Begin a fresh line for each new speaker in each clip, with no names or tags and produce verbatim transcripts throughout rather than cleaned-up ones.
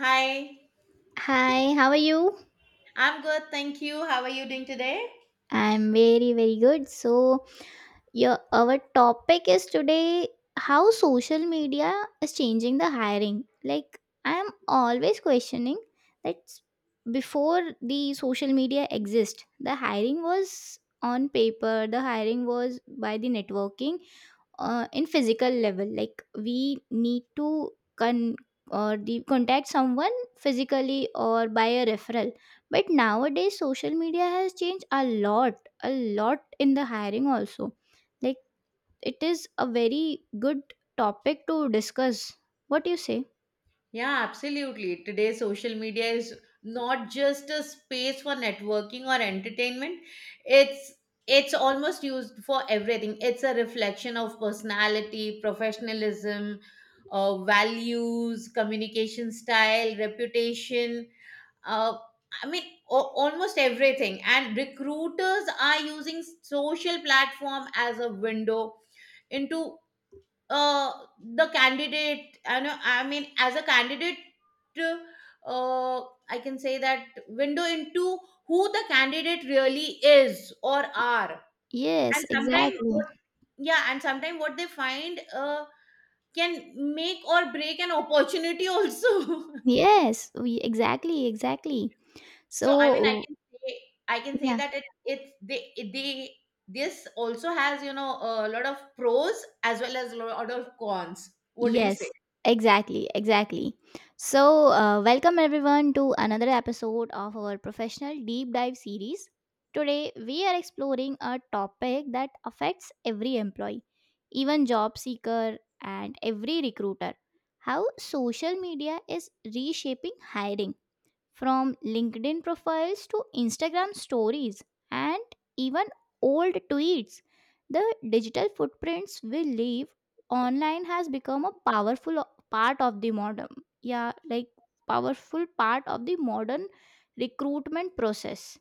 Hi,
Hi, how are you?
I'm good, thank you. How are you doing today?
I'm very, very good. So, your our topic is today how social media is changing the hiring. Like, I'm always questioning that before the social media exist, the hiring was on paper, the hiring was by the networking, uh, in physical level like we need to con or the contact someone physically or by a referral, but nowadays social media has changed a lot a lot in the hiring also. Like, it is a very good topic to discuss. What do you say?
Yeah, absolutely. Today, social media is not just a space for networking or entertainment. It's it's almost used for everything. It's a reflection of personality, professionalism, uh, values, communication style, reputation. uh, I mean, o- Almost everything. And recruiters are using social platform as a window into, uh, the candidate. I know. I mean, as a candidate, uh, I can say that window into who the candidate really is or are. And
Yes,
sometimes,
exactly.
what, yeah, and sometimes what they find uh, can make or break an opportunity also.
Yes we- exactly, exactly.
So I mean, I
So
can say I can say
yeah.
that it it's they they this also has you know a lot of pros as well as a lot of cons. What do you
Yes,
say?
exactly, exactly. So, uh, welcome everyone to another episode of our professional deep dive series. Today, we are exploring a topic that affects every employee, even job seeker and every recruiter, how social media is reshaping hiring from LinkedIn profiles to Instagram stories and even old tweets. The digital footprints we leave online has become a powerful o- part of the modern, yeah, like powerful part of the modern recruitment process.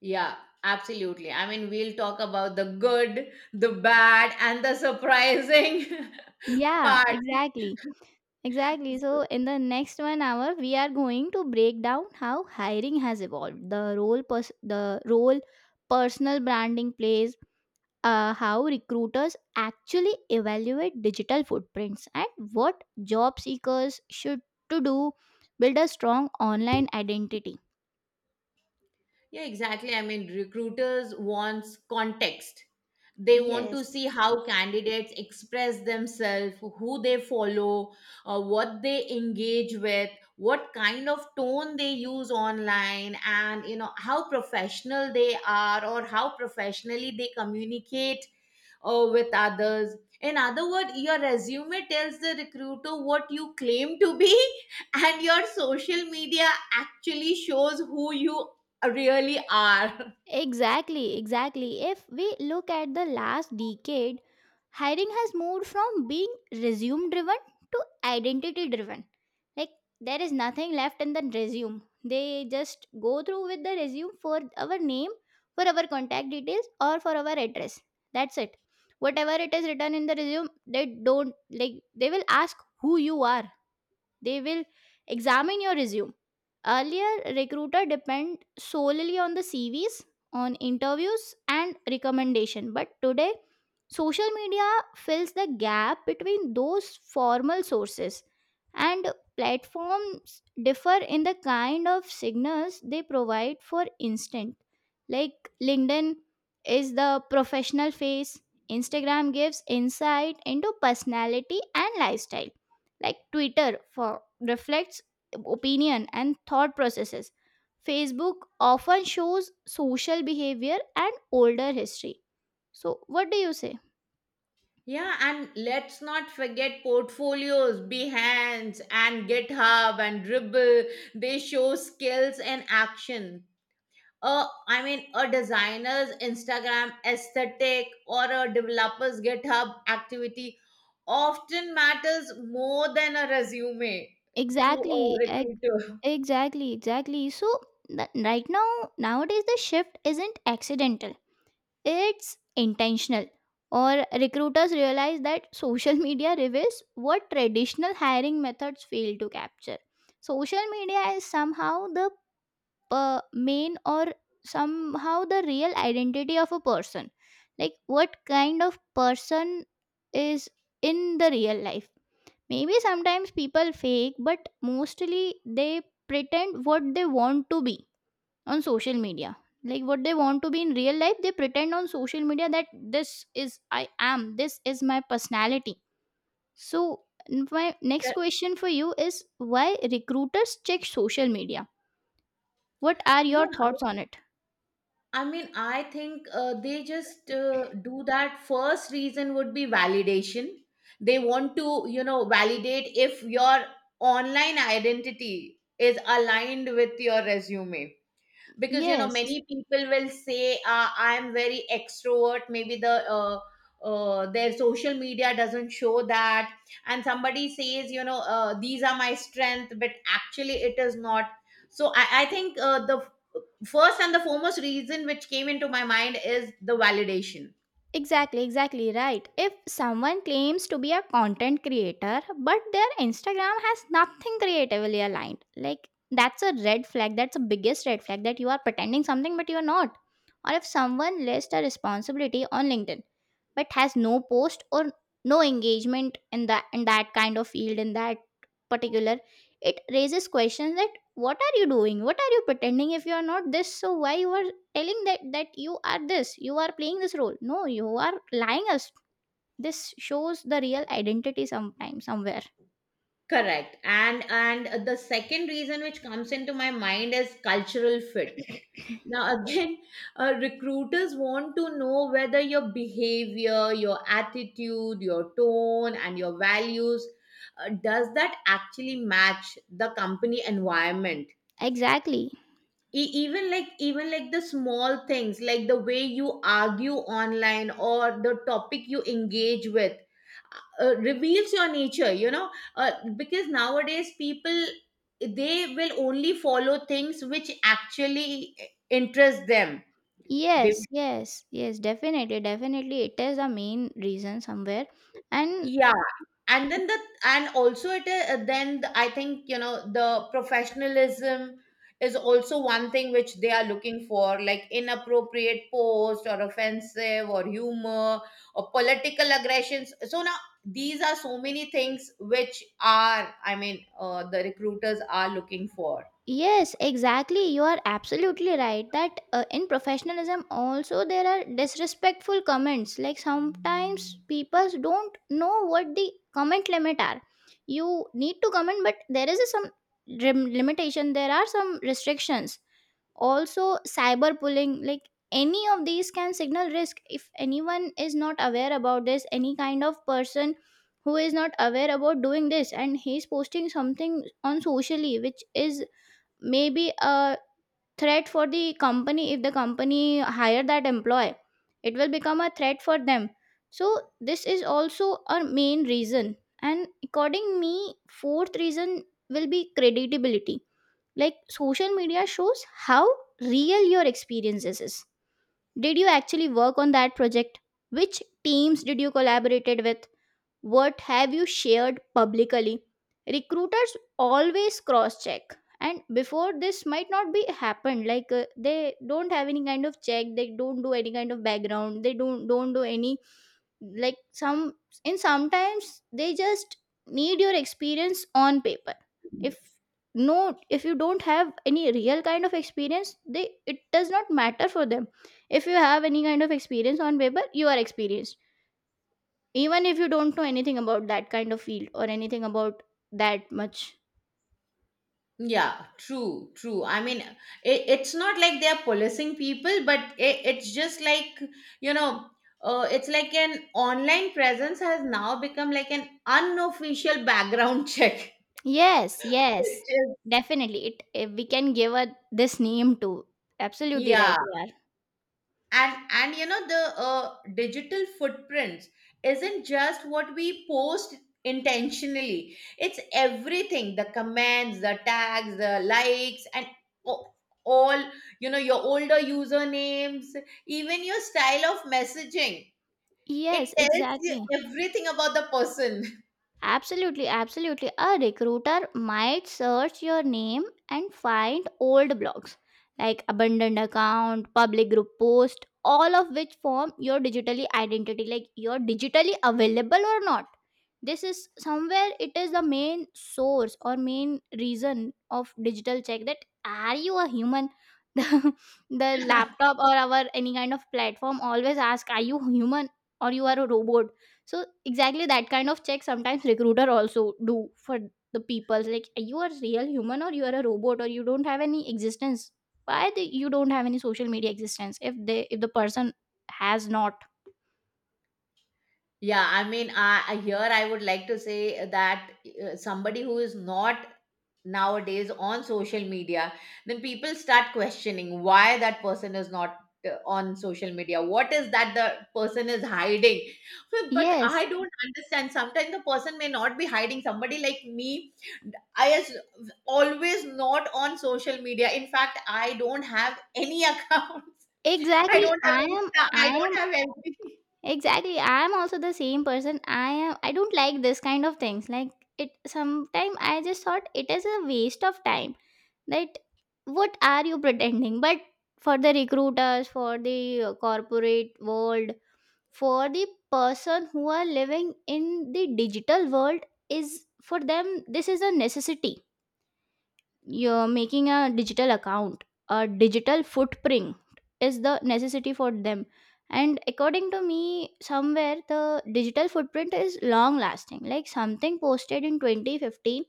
Yeah, absolutely. I mean, we'll talk about the good, the bad, and the surprising
Yeah,
part.
exactly. Exactly.
So,
So, in the next one hour, we are going to break down how hiring has evolved, the role, pers- the role personal branding plays, uh, how recruiters actually evaluate digital footprints and what job seekers should to do build a strong online identity.
Yeah, exactly. I mean, recruiters wants context. They want to
Yes.
see how candidates express themselves, who they follow, uh, what they engage with, what kind of tone they use online, and you know how professional they are or how professionally they communicate or with others. In other words, your resume tells the recruiter what you claim to be, and your social media actually shows who you really are.
Exactly, exactly. If we look at the last decade, hiring has moved from being resume driven to identity driven. Like, there is nothing left in the resume. They just go through with the resume for our name, for our contact details, or for our address. That's it. Whatever it is written in the resume, they don't like, they will ask who you are. They will examine your resume. Earlier, recruiter depend solely on the C Vs, on interviews and recommendation. But today, social media fills the gap between those formal sources, and platforms differ in the kind of signals they provide. For instance, like LinkedIn is the professional face, Instagram gives insight into personality and lifestyle. Like Twitter for reflects opinion and thought processes. Facebook often shows social behavior and older history. So what do you say?
Yeah, and let's not forget portfolios, Behance, and GitHub and Dribble. They show skills and action. uh, I mean, a designer's Instagram aesthetic or a developer's GitHub activity often matters more than a resume to a
Exactly, ex-
recruiter.
exactly, exactly. So the, right now, nowadays the shift isn't accidental. It's intentional, or recruiters realize that social media reveals what traditional hiring methods fail to capture. Social media is somehow the uh, main or somehow the real identity of a person. Like, what kind of person is in the real life? Maybe sometimes people fake, but mostly they pretend what they want to be on social media. Like what they want to be in real life they pretend on social media that this is I am, this is my personality. So n- my next question for you is why recruiters check social media. What are
Yeah,
your thoughts on it?
I mean, I think uh, they just uh, do that. First reason would be validation. They want to, you know, validate if your online identity is aligned with your resume. Because you know many
Yes.
people will say uh, I'm very extrovert, maybe the uh, uh, their social media doesn't show that. And somebody says you know uh, these are my strength, but actually it is not. So i, I think uh, the first and the foremost reason which came into my mind is the validation.
Exactly, exactly right. If someone claims to be a content creator but their Instagram has nothing creatively aligned, like that's a red flag. That's the biggest red flag, that you are pretending something but you're not. Or if someone lists a responsibility on LinkedIn but has no post or no engagement in that in that kind of field, in that particular, it raises questions that what are you doing, what are you pretending? If you are not this, so why you are telling that that you are this, you are playing this role? No, you are lying us. This shows the real identity sometimes somewhere.
Correct. And and the second reason which comes into my mind is cultural fit. Now, again, uh, recruiters want to know whether your behavior, your attitude, your tone, and your values, uh, does that actually match the company environment?
Exactly.
E- even like even like the small things like the way you argue online or the topic you engage with, uh, uh, reveals your nature, you know uh, because nowadays people, they will only follow things which actually eh, interest them. They
Yes, yes, yes, definitely, definitely, it is the main reason somewhere. And
Yeah, and then the and also it is then the- I think you know the professionalism is also one thing which they are looking for, like inappropriate post or offensive or humor or political aggressions. So now these are so many things which are, I mean, uh, the recruiters are looking for.
yes, exactly. You are absolutely right that uh, in professionalism also there are disrespectful comments. Like sometimes people don't know what the comment limit are. You need to comment, but there is a some rim- limitation. There are some restrictions. Also, cyber bullying, like any of these can signal risk. If anyone is not aware about this, any kind of person who is not aware about doing this and he's posting something on socially which is maybe a threat for the company, if the company hire that employee it will become a threat for them. So this is also a main reason. And according me fourth reason will be credibility. Like social media shows how real your experiences is. Did you actually work on that project? Which teams did you collaborated with? What have you shared publicly? Recruiters always cross check. And before this might not be happened, like uh, they don't have any kind of check, they don't do any kind of background, they don't don't do any, like some, in sometimes they just need your experience on paper. If no, if you don't have any real kind of experience, they it does not matter for them. If you have any kind of experience on paper you are experienced, even if you don't know anything about that kind of field or anything about that much.
Yeah, true, true. I mean, it, it's not like they're policing people, but it, it's just like, you know, uh, it's like an online presence has now become like an unofficial background check.
Yes,
Which
yes,
is-
definitely it eh, we can give a this name to. Absolutely right
Yeah,
you are.
and and you know the uh, digital footprints isn't just what we post intentionally. It's everything: the comments, the tags, the likes, and o- all you know your older usernames, even your style of messaging. It
Yes,
tells you
exactly.
everything about the person.
Absolutely, absolutely. A recruiter might search your name and find old blogs, like abandoned account, public group post, all of which form your digitally identity, like you're digitally available or not. This is somewhere it is the main source or main reason of digital check, that are you a human? The, the laptop or our any kind of platform always ask are you human or you are a robot. So exactly that kind of check sometimes recruiter also do for the people, like you are real human or you are a robot or you don't have any existence. Why the, you don't have any social media existence if they if the person has not?
Yeah, I mean i I- here I would like to say that uh, somebody who is not nowadays on social media, then people start questioning why that person is not uh, on social media, what is that the person is hiding. But I
Yes,
don't understand, sometimes the person may not be hiding. Somebody like me, i is always not on social media. In fact, I don't have any account. I
exactly.
don't have
I am
Insta, I
I am
don't have anything.
exactly. I'm also the same person. I am I don't like this kind of things. Like it sometime I just thought it is a waste of time. That what are you pretending? But for the recruiters, for the uh, corporate world, for the person who are living in the digital world, is for them this is a necessity. You're making a digital account, a digital footprint is the necessity for them. And according to me somewhere the digital footprint is long lasting, like something posted in twenty fifteen,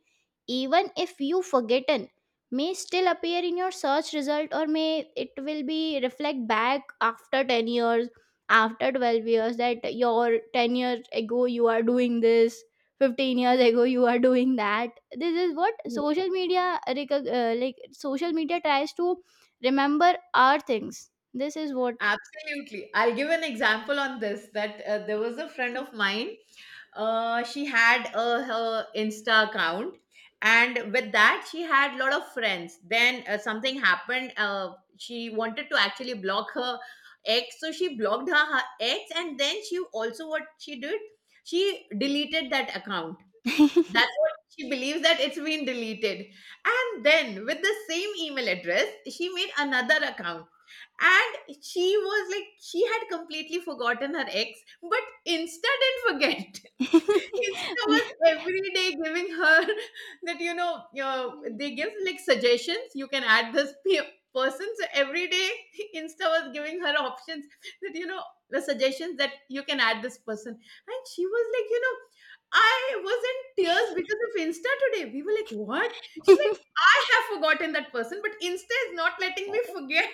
even if you forgotten, may still appear in your search result or may it will be reflect back after ten years, after twelve years, that your ten years ago you are doing this, fifteen years ago you are doing that. This is what social media recog- uh, like social media tries to remember our things. This is what.
Absolutely. I'll give an example on this that uh, there was a friend of mine. Uh, she had uh, her Insta account, and with that, she had a lot of friends. Then uh, something happened. Uh, she wanted to actually block her ex, so she blocked her, her ex, and then she also, what she did, she deleted that account. That's what she believes, that it's been deleted. And then with the same email address, she made another account. And she was like, she had completely forgotten her ex, but Insta didn't forget. Insta
Yeah.
was every day giving her that, you know, your, they give like suggestions. You can add this pe- person. So every day, Insta was giving her options that, you know, the suggestions that you can add this person. And she was like, you know, I wasn't tears because of Insta today. We were like, what? She's like, I have forgotten that person, but Insta is not letting me forget.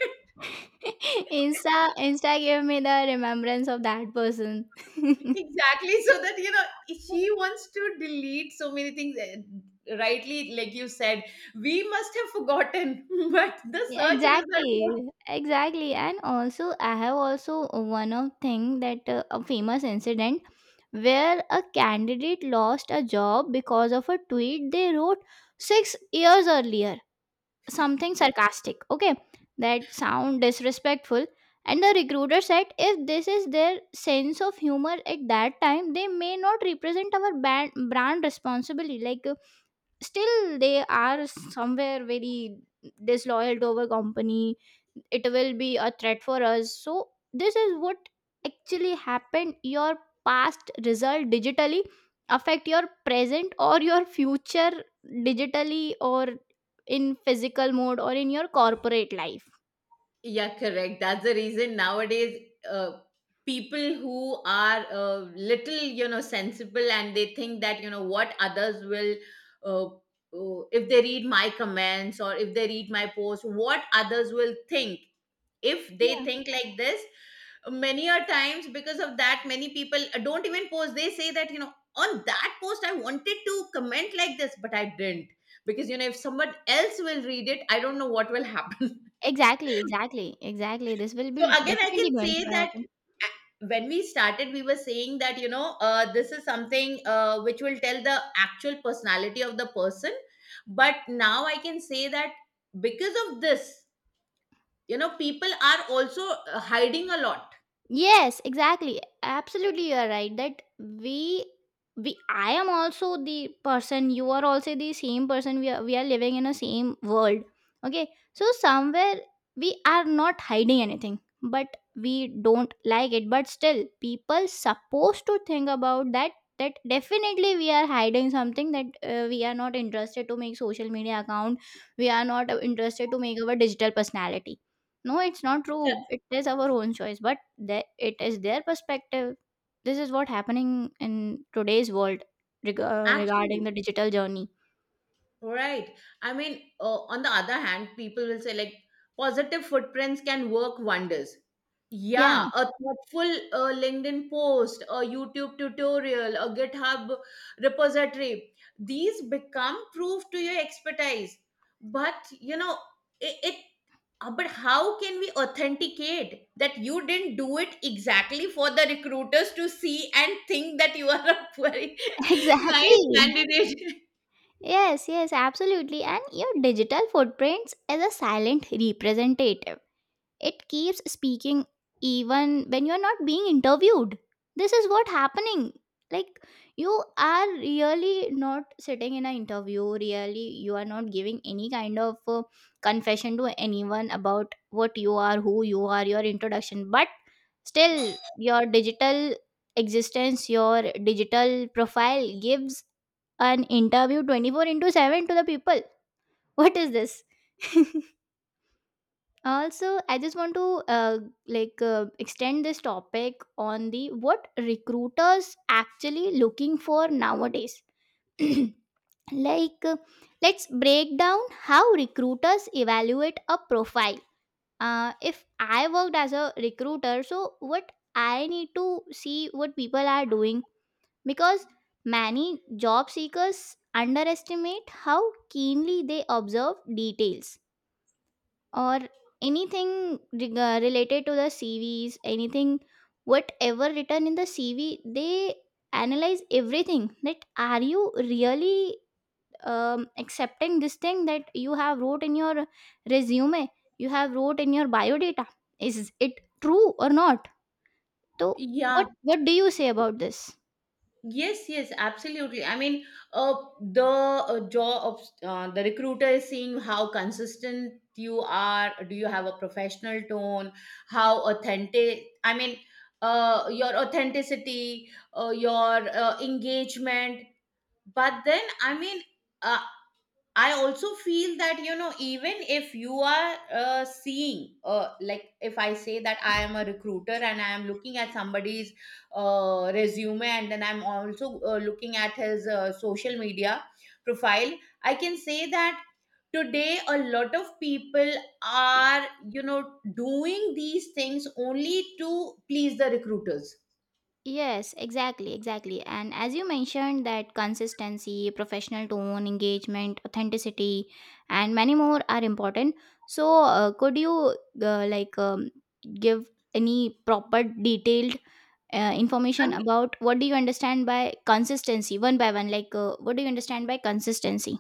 Insta, Insta gave me the remembrance of that person.
Exactly. So that, you know, she wants to delete so many things. Uh, Rightly, like you said, we must have forgotten, but the
Yeah,
search result.
exactly, exactly. And also I have also one of thing that uh, a famous incident where a candidate lost a job because of a tweet they wrote six years earlier, something sarcastic, okay, that sound disrespectful. And the recruiter said if this is their sense of humor at that time they may not represent our band, brand responsibly. Like still they are somewhere very disloyal to our company, it will be a threat for us. So this is what actually happened. Your past result digitally affect your present or your future, digitally or in physical mode or in your corporate life.
Yeah, correct. That's the reason nowadays uh, people who are uh, little, you know, sensible, and they think that, you know, what others will, uh, uh, if they read my comments or if they read my post, what others will think. If they
Yeah,
think like this, many a times because of that, many people uh, don't even post. They say that, you know, on that post, I wanted to comment like this, but I didn't. Because, you know, if someone else will read it, I don't know what will happen.
exactly, exactly, exactly, this will
So
be
again, I can
definitely going to
say that
happen.
a- when we started, we were saying that you know uh, this is something uh, which will tell the actual personality of the person. But now I can say that because of this, you know, people are also uh, hiding a lot.
Yes, exactly. Absolutely, you are right. That we, we, I am also the person. You are also the same person. We are, we are living in a same world. Okay, so somewhere we are not hiding anything, but we don't like it. But still, people supposed to think about that. That definitely we are hiding something, that uh, we are not interested to make social media account. We are not uh, interested to make our digital personality. No, it's not
Yeah.
true. It is our own choice, but the it is their perspective. This is what happening in today's world, reg- uh, regarding
Actually,
the digital journey.
Right. I mean, uh, on the other hand, people will say like positive footprints can work wonders. Yeah,
Yeah,
a thoughtful uh, LinkedIn post, a YouTube tutorial, a GitHub repository, these become proof to your expertise. But, you know, it, it uh, but how can we authenticate that you didn't do it exactly for the recruiters to see and think that you are a very nice
exactly.
candidate?
Yes, yes, absolutely. And your digital footprints is a silent representative. It keeps speaking even when you're not being interviewed. This is what happening. Like you are really not sitting in an interview, really you are not giving any kind of uh, confession to anyone about what you are, who you are, your introduction, but still your digital existence, your digital profile gives an interview twenty-four into seven to the people. What is this? Also, I just want to uh, like uh, extend this topic on the what recruiters actually looking for nowadays. Like, uh, let's break down how recruiters evaluate a profile. Uh, if I worked as a recruiter, so what I need to see what people are doing, because many job seekers underestimate how keenly they observe details or anything reg- uh, related to the C Vs, anything, whatever written in the C V, they analyze everything. That are you really um, accepting this thing that you have wrote in your resume, you have wrote in your biodata. Is it true or not? So,
Yeah,
what what do you say about this?
yes, yes, absolutely. I mean, uh, the uh, job of uh, the recruiter is seeing how consistent you are. Do you have a professional tone? How authentic? I mean, uh, your authenticity, uh, your uh, engagement. But then, I mean, uh, I also feel that, you know, even if you are uh, seeing, uh, like if I say that I am a recruiter and I am looking at somebody's uh, resume, and then I'm also uh, looking at his uh, social media profile, I can say that today a lot of people are, you know, doing these things only to please the recruiters.
Yes, exactly, exactly. And as you mentioned, that consistency, professional tone, engagement, authenticity, and many more are important. So, uh, could you uh, like um, give any proper detailed uh,
I
information
mean,
about what do you understand by consistency, one by one? Like, uh, what do you understand by consistency?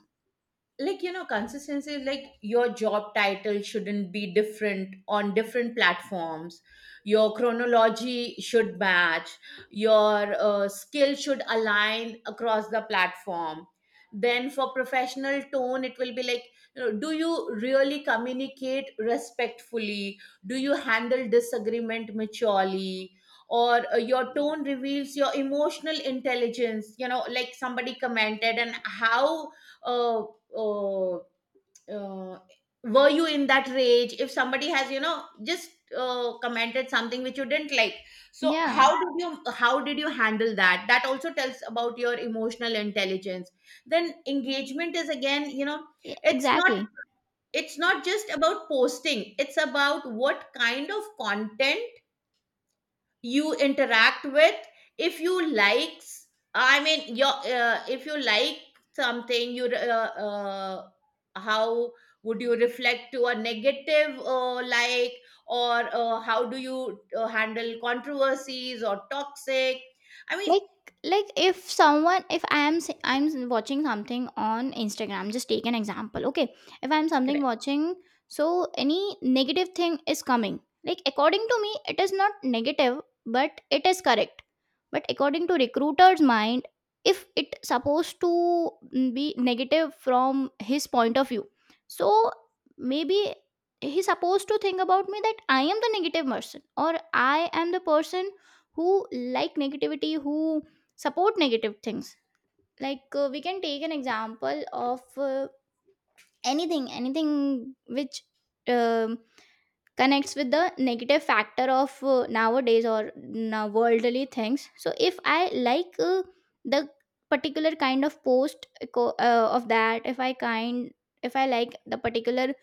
like, you know consistency is like your job title shouldn't be different on different platforms, your chronology should match, your uh, skill should align across the platform. Then for professional tone, it will be like, you know, do you really communicate respectfully, do you handle disagreement maturely, or uh, your tone reveals your emotional intelligence, you know, like somebody commented, and how uh, oh, uh, were you in that rage if somebody has, you know, just uh, commented something which you didn't like. So
Yeah,
how did you how did you handle that? That also tells about your emotional intelligence. Then engagement is again, you know,
e-
it's not
exactly.
it's not just about posting, it's about what kind of content you interact with. If you likes, I mean, your, uh, if you like something, you re- uh, uh, how would you reflect to a negative uh, like, or uh, how do you uh, handle controversies or toxic, I mean,
Like like if someone, if I am s- i'm s- watching something on Instagram, just take an example, okay? If I'm something
correct
watching, so any negative thing is coming, like according to me it is not negative but it is correct, but according to recruiter's mind, if it supposed to mm, be negative from his point of view, so maybe he's supposed to think about me that I am the negative person, or I am the person who like negativity, who support negative things. Like uh, we can take an example of uh, anything, anything which um, connects with the negative factor of uh, nowadays or now worldly things. So if I like uh, the particular kind of post, co- uh, of that, if I kind, if I like the particular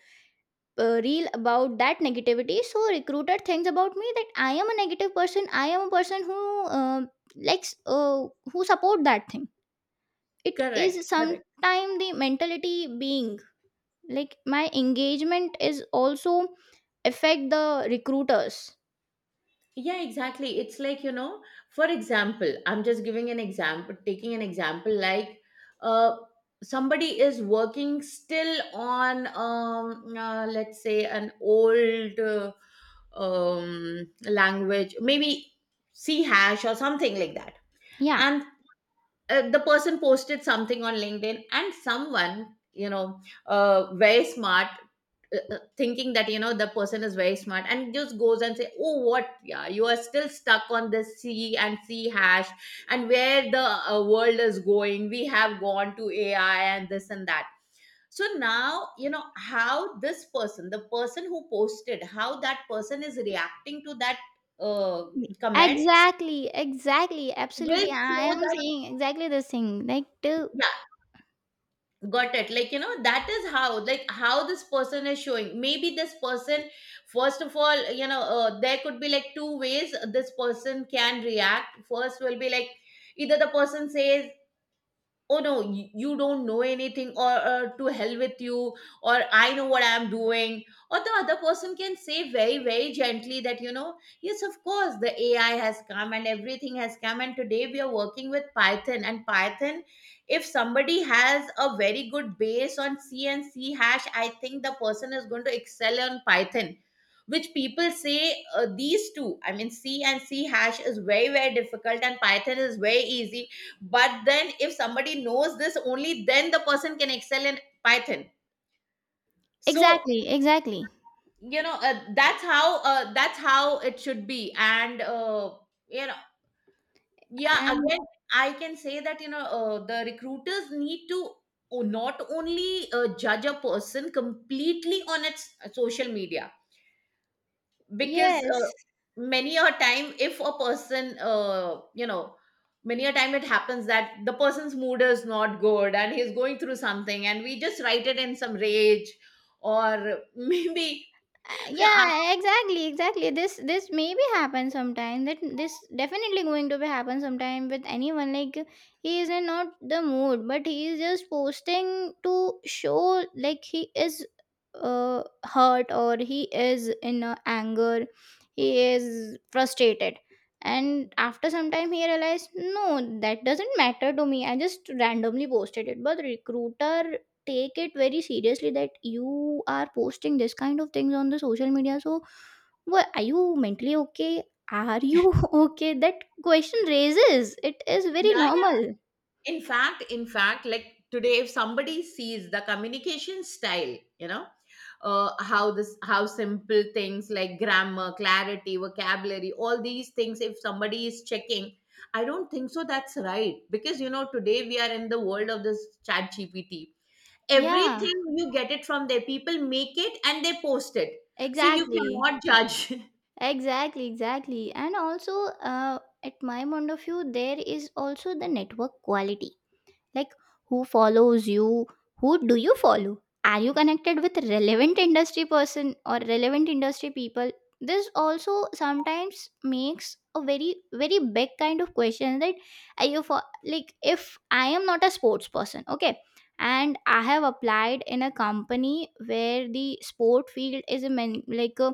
uh, reel about that negativity, so recruiter thinks about me that I am a negative person, I am a person who uh, likes, uh, who support that thing. It is
correct correct.
sometime the mentality being, like, my engagement is also affect the recruiters.
Yeah, exactly. It's like, you know, for example, I'm just giving an example, taking an example like, uh, somebody is working still on, um, uh, let's say, an old uh, um, language, maybe C hash or something like that.
Yeah,
And uh, the person posted something on linkedin and someone, you know uh, very smart, uh, uh, thinking that you know the person is very smart, and just goes and say, "Oh, what, yeah, you are still stuck on the c and c hash and where the uh, world is going? We have gone to ai and this and that." So now you know how this person, the person who posted, how that person is reacting to that uh, comment
exactly, exactly,
will
absolutely, I
show
am
that.
saying exactly the thing, like to,
Got it? Like, you know, that is how, like, how this person is showing. Maybe this person, first of all, you know uh, there could be like two ways this person can react. First will be like either the person says, "Oh no, you, you don't know anything," or, or "to hell with you" or "I know what I'm doing," or the other person can say very very gently that, you know, "Yes, of course the ai has come and everything has come and today we are working with python, and python, if somebody has a very good base on c and c hash, I think the person is going to excel on python." Which people say, uh, these two, I mean c and c hash, is very very difficult and python is very easy. But then if somebody knows this, only then the person can excel in python. So,
exactly exactly
you know uh, that's how, uh, that's how it should be. and uh, you know yeah
and
again I can say that, you know uh, the recruiters need to o- not only uh, judge a person completely on its social media, because uh,
yes.
many a time if a person, uh, you know many a time it happens that the person's mood is not good and he's going through something and we just write it in some rage. Or maybe
Uh, yeah exactly, exactly, this this maybe happen sometime, that this definitely going to be happen sometime with anyone, like he is in not the mood but he is just posting to show like he is uh hurt or he is in a anger, he is frustrated. And after some time he realized, no, that doesn't matter to me, I just randomly posted it, but recruiter take it very seriously that you are posting this kind of things on the social media. So what, are you mentally okay? Are you okay? That question raises, it is very
yeah.
normal.
In fact in fact like, today if somebody sees the communication style, you know, uh, how this, how simple things like grammar, clarity, vocabulary, all these things, if somebody is checking, I don't think so that's right, because you know today we are in the world of this chat gpt.
Yeah,
Everything you get it from there, people make it and they post it. So you
exactly,
cannot judge.
exactly, exactly. And also, uh, at my point of view there is also the network quality. Like, who follows you? Who do you follow? Are you connected with relevant industry person or relevant industry people? This also sometimes makes a very very big kind of question that are you for, like if I am not a sports person, okay, and I have applied in a company where the sport field is a man, like a,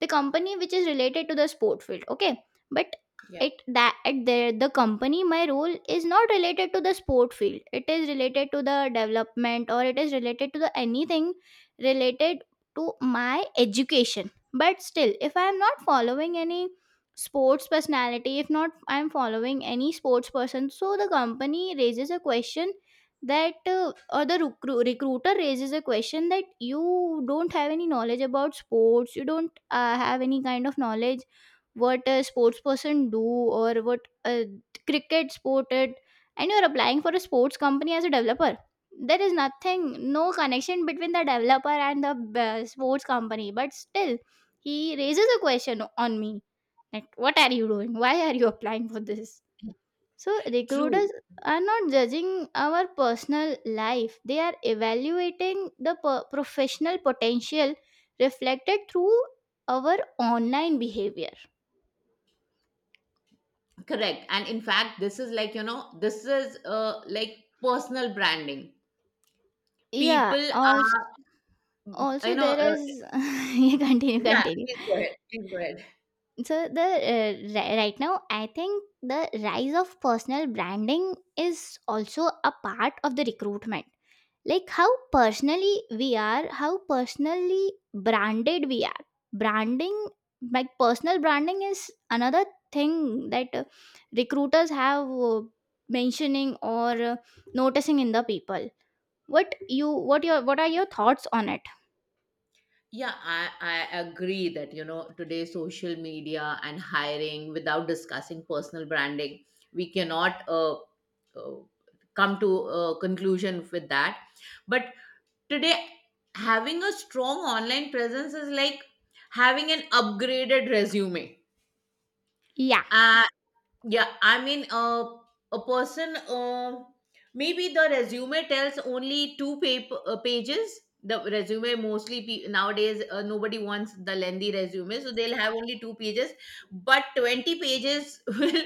the company which is related to the sport field, okay, but
Yeah.
it that at the, the company my role is not related to the sport field, it is related to the development or it is related to the anything related to my education. But still, if I am not following any sports personality, if not I am following any sports person, so the company raises a question that uh, or the recru- recruiter raises a question that you don't have any knowledge about sports, you don't uh, have any kind of knowledge what a sports person do, or what a cricket sported, and you're applying for a sports company as a developer. There is nothing, no connection between the developer and the uh, sports company, but still he raises a question on me, like what are you doing, why are you applying for this? So
True,
recruiters are not judging our personal life, they are evaluating the per- professional potential reflected through our online behavior.
correct. And in fact, this is like, you know, this is uh, like personal branding.
Yeah,
People
also,
are, mm, you
also
know,
there
uh,
is you continue,
yeah,
continue.
please go ahead. Please go ahead.
So the uh, ri- right now, I think the rise of personal branding is also a part of the recruitment. Like how personally we are, how personally branded we are. Branding, like personal branding, is another thing that uh, recruiters have uh, mentioning or uh, noticing in the people. What you, what your, what are your thoughts on it?
Yeah, I, I agree that, you know, today social media and hiring, without discussing personal branding, we cannot uh, uh, come to a conclusion with that. But today, having a strong online presence is like having an upgraded resume.
Yeah.
Uh, Yeah, I mean, uh, a person, uh, maybe the resume tells only two paper, uh, pages. The resume mostly pe- nowadays uh, nobody wants the lengthy resume, so they'll have only two pages. But twenty pages, will,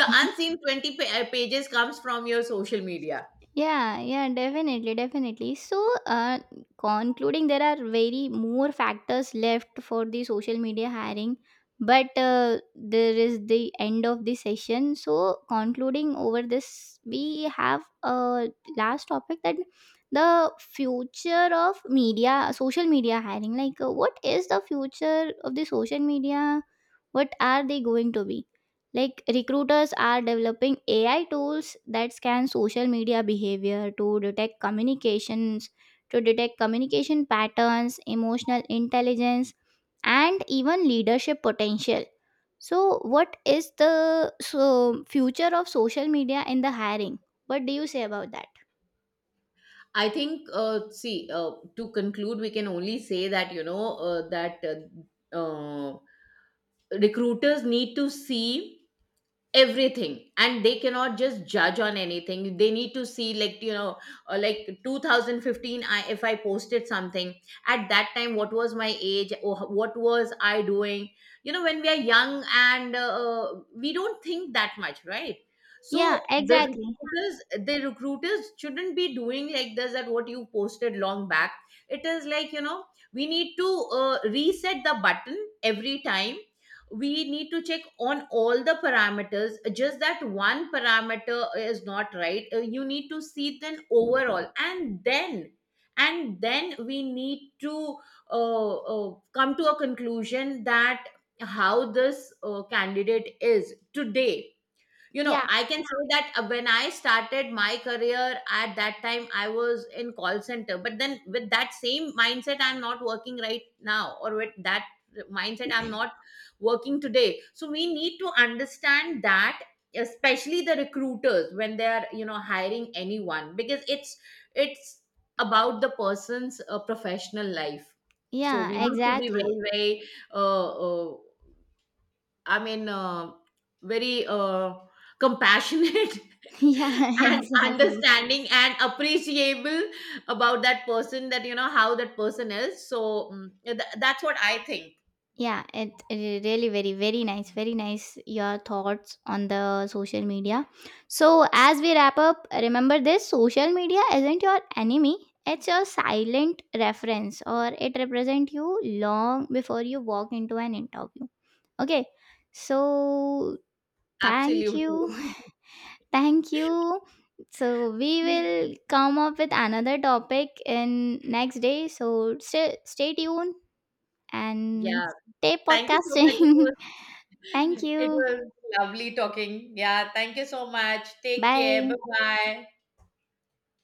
the unseen twenty pa- uh, pages, comes from your social media.
Yeah, yeah, definitely, definitely. So, uh, concluding, there are very more factors left for the social media hiring, but uh, there is the end of the session. So, concluding over this, we have a last topic, that the future of media, social media hiring. Like, uh, what is the future of the social media? What are they going to be? Like recruiters are developing A I tools that scan social media behavior to detect communications, to detect communication patterns, emotional intelligence, and even leadership potential. So, what is the so, future of social media in the hiring? What do you say about that?
I think, uh, see, uh, to conclude, we can only say that, you know uh, that, uh, uh, recruiters need to see everything, and they cannot just judge on anything. They need to see, like, you know, uh, like twenty fifteen, I if I posted something, at that time what was my age or what was I doing? You know, when we are young and, uh, uh, we don't think that much, right?
Yeah,
So the
exactly.
recruiters the recruiters shouldn't be doing like this, that what you posted long back. It is like, you know, we need to uh, reset the button every time. We need to check on all the parameters. Just that one parameter is not right. Uh, you need to see then overall, and then and then we need to uh, uh, come to a conclusion that how this uh, candidate is today. You know,
Yeah,
I can say that, uh, when I started my career, at that time I was in call center, but then with that same mindset I'm not working right now, or with that mindset I'm not working today. So we need to understand that, especially the recruiters, when they are, you know, hiring anyone, because it's it's about the person's uh, professional life. So we
yeah,
need to be
exactly.
very very, uh, uh, I mean, uh, very uh, compassionate
Yeah,
and
exactly.
understanding and appreciable about that person. That, you know, how that person is. So mm, th- that's what I think.
Yeah, it, it really very very nice, very nice your thoughts on the social media. So as we wrap up, remember this: social media isn't your enemy; it's your silent reference, or it represents you long before you walk into an interview. Okay, so thank you,
Absolutely.
thank you. So we will come up with another topic in next day. So stay stay tuned and
Yeah.
stay
Thank you so much. It
podcasting.
was
Thank
it
you.
was lovely talking. Yeah. Thank you so much. Take care. Bye
Bye.
bye.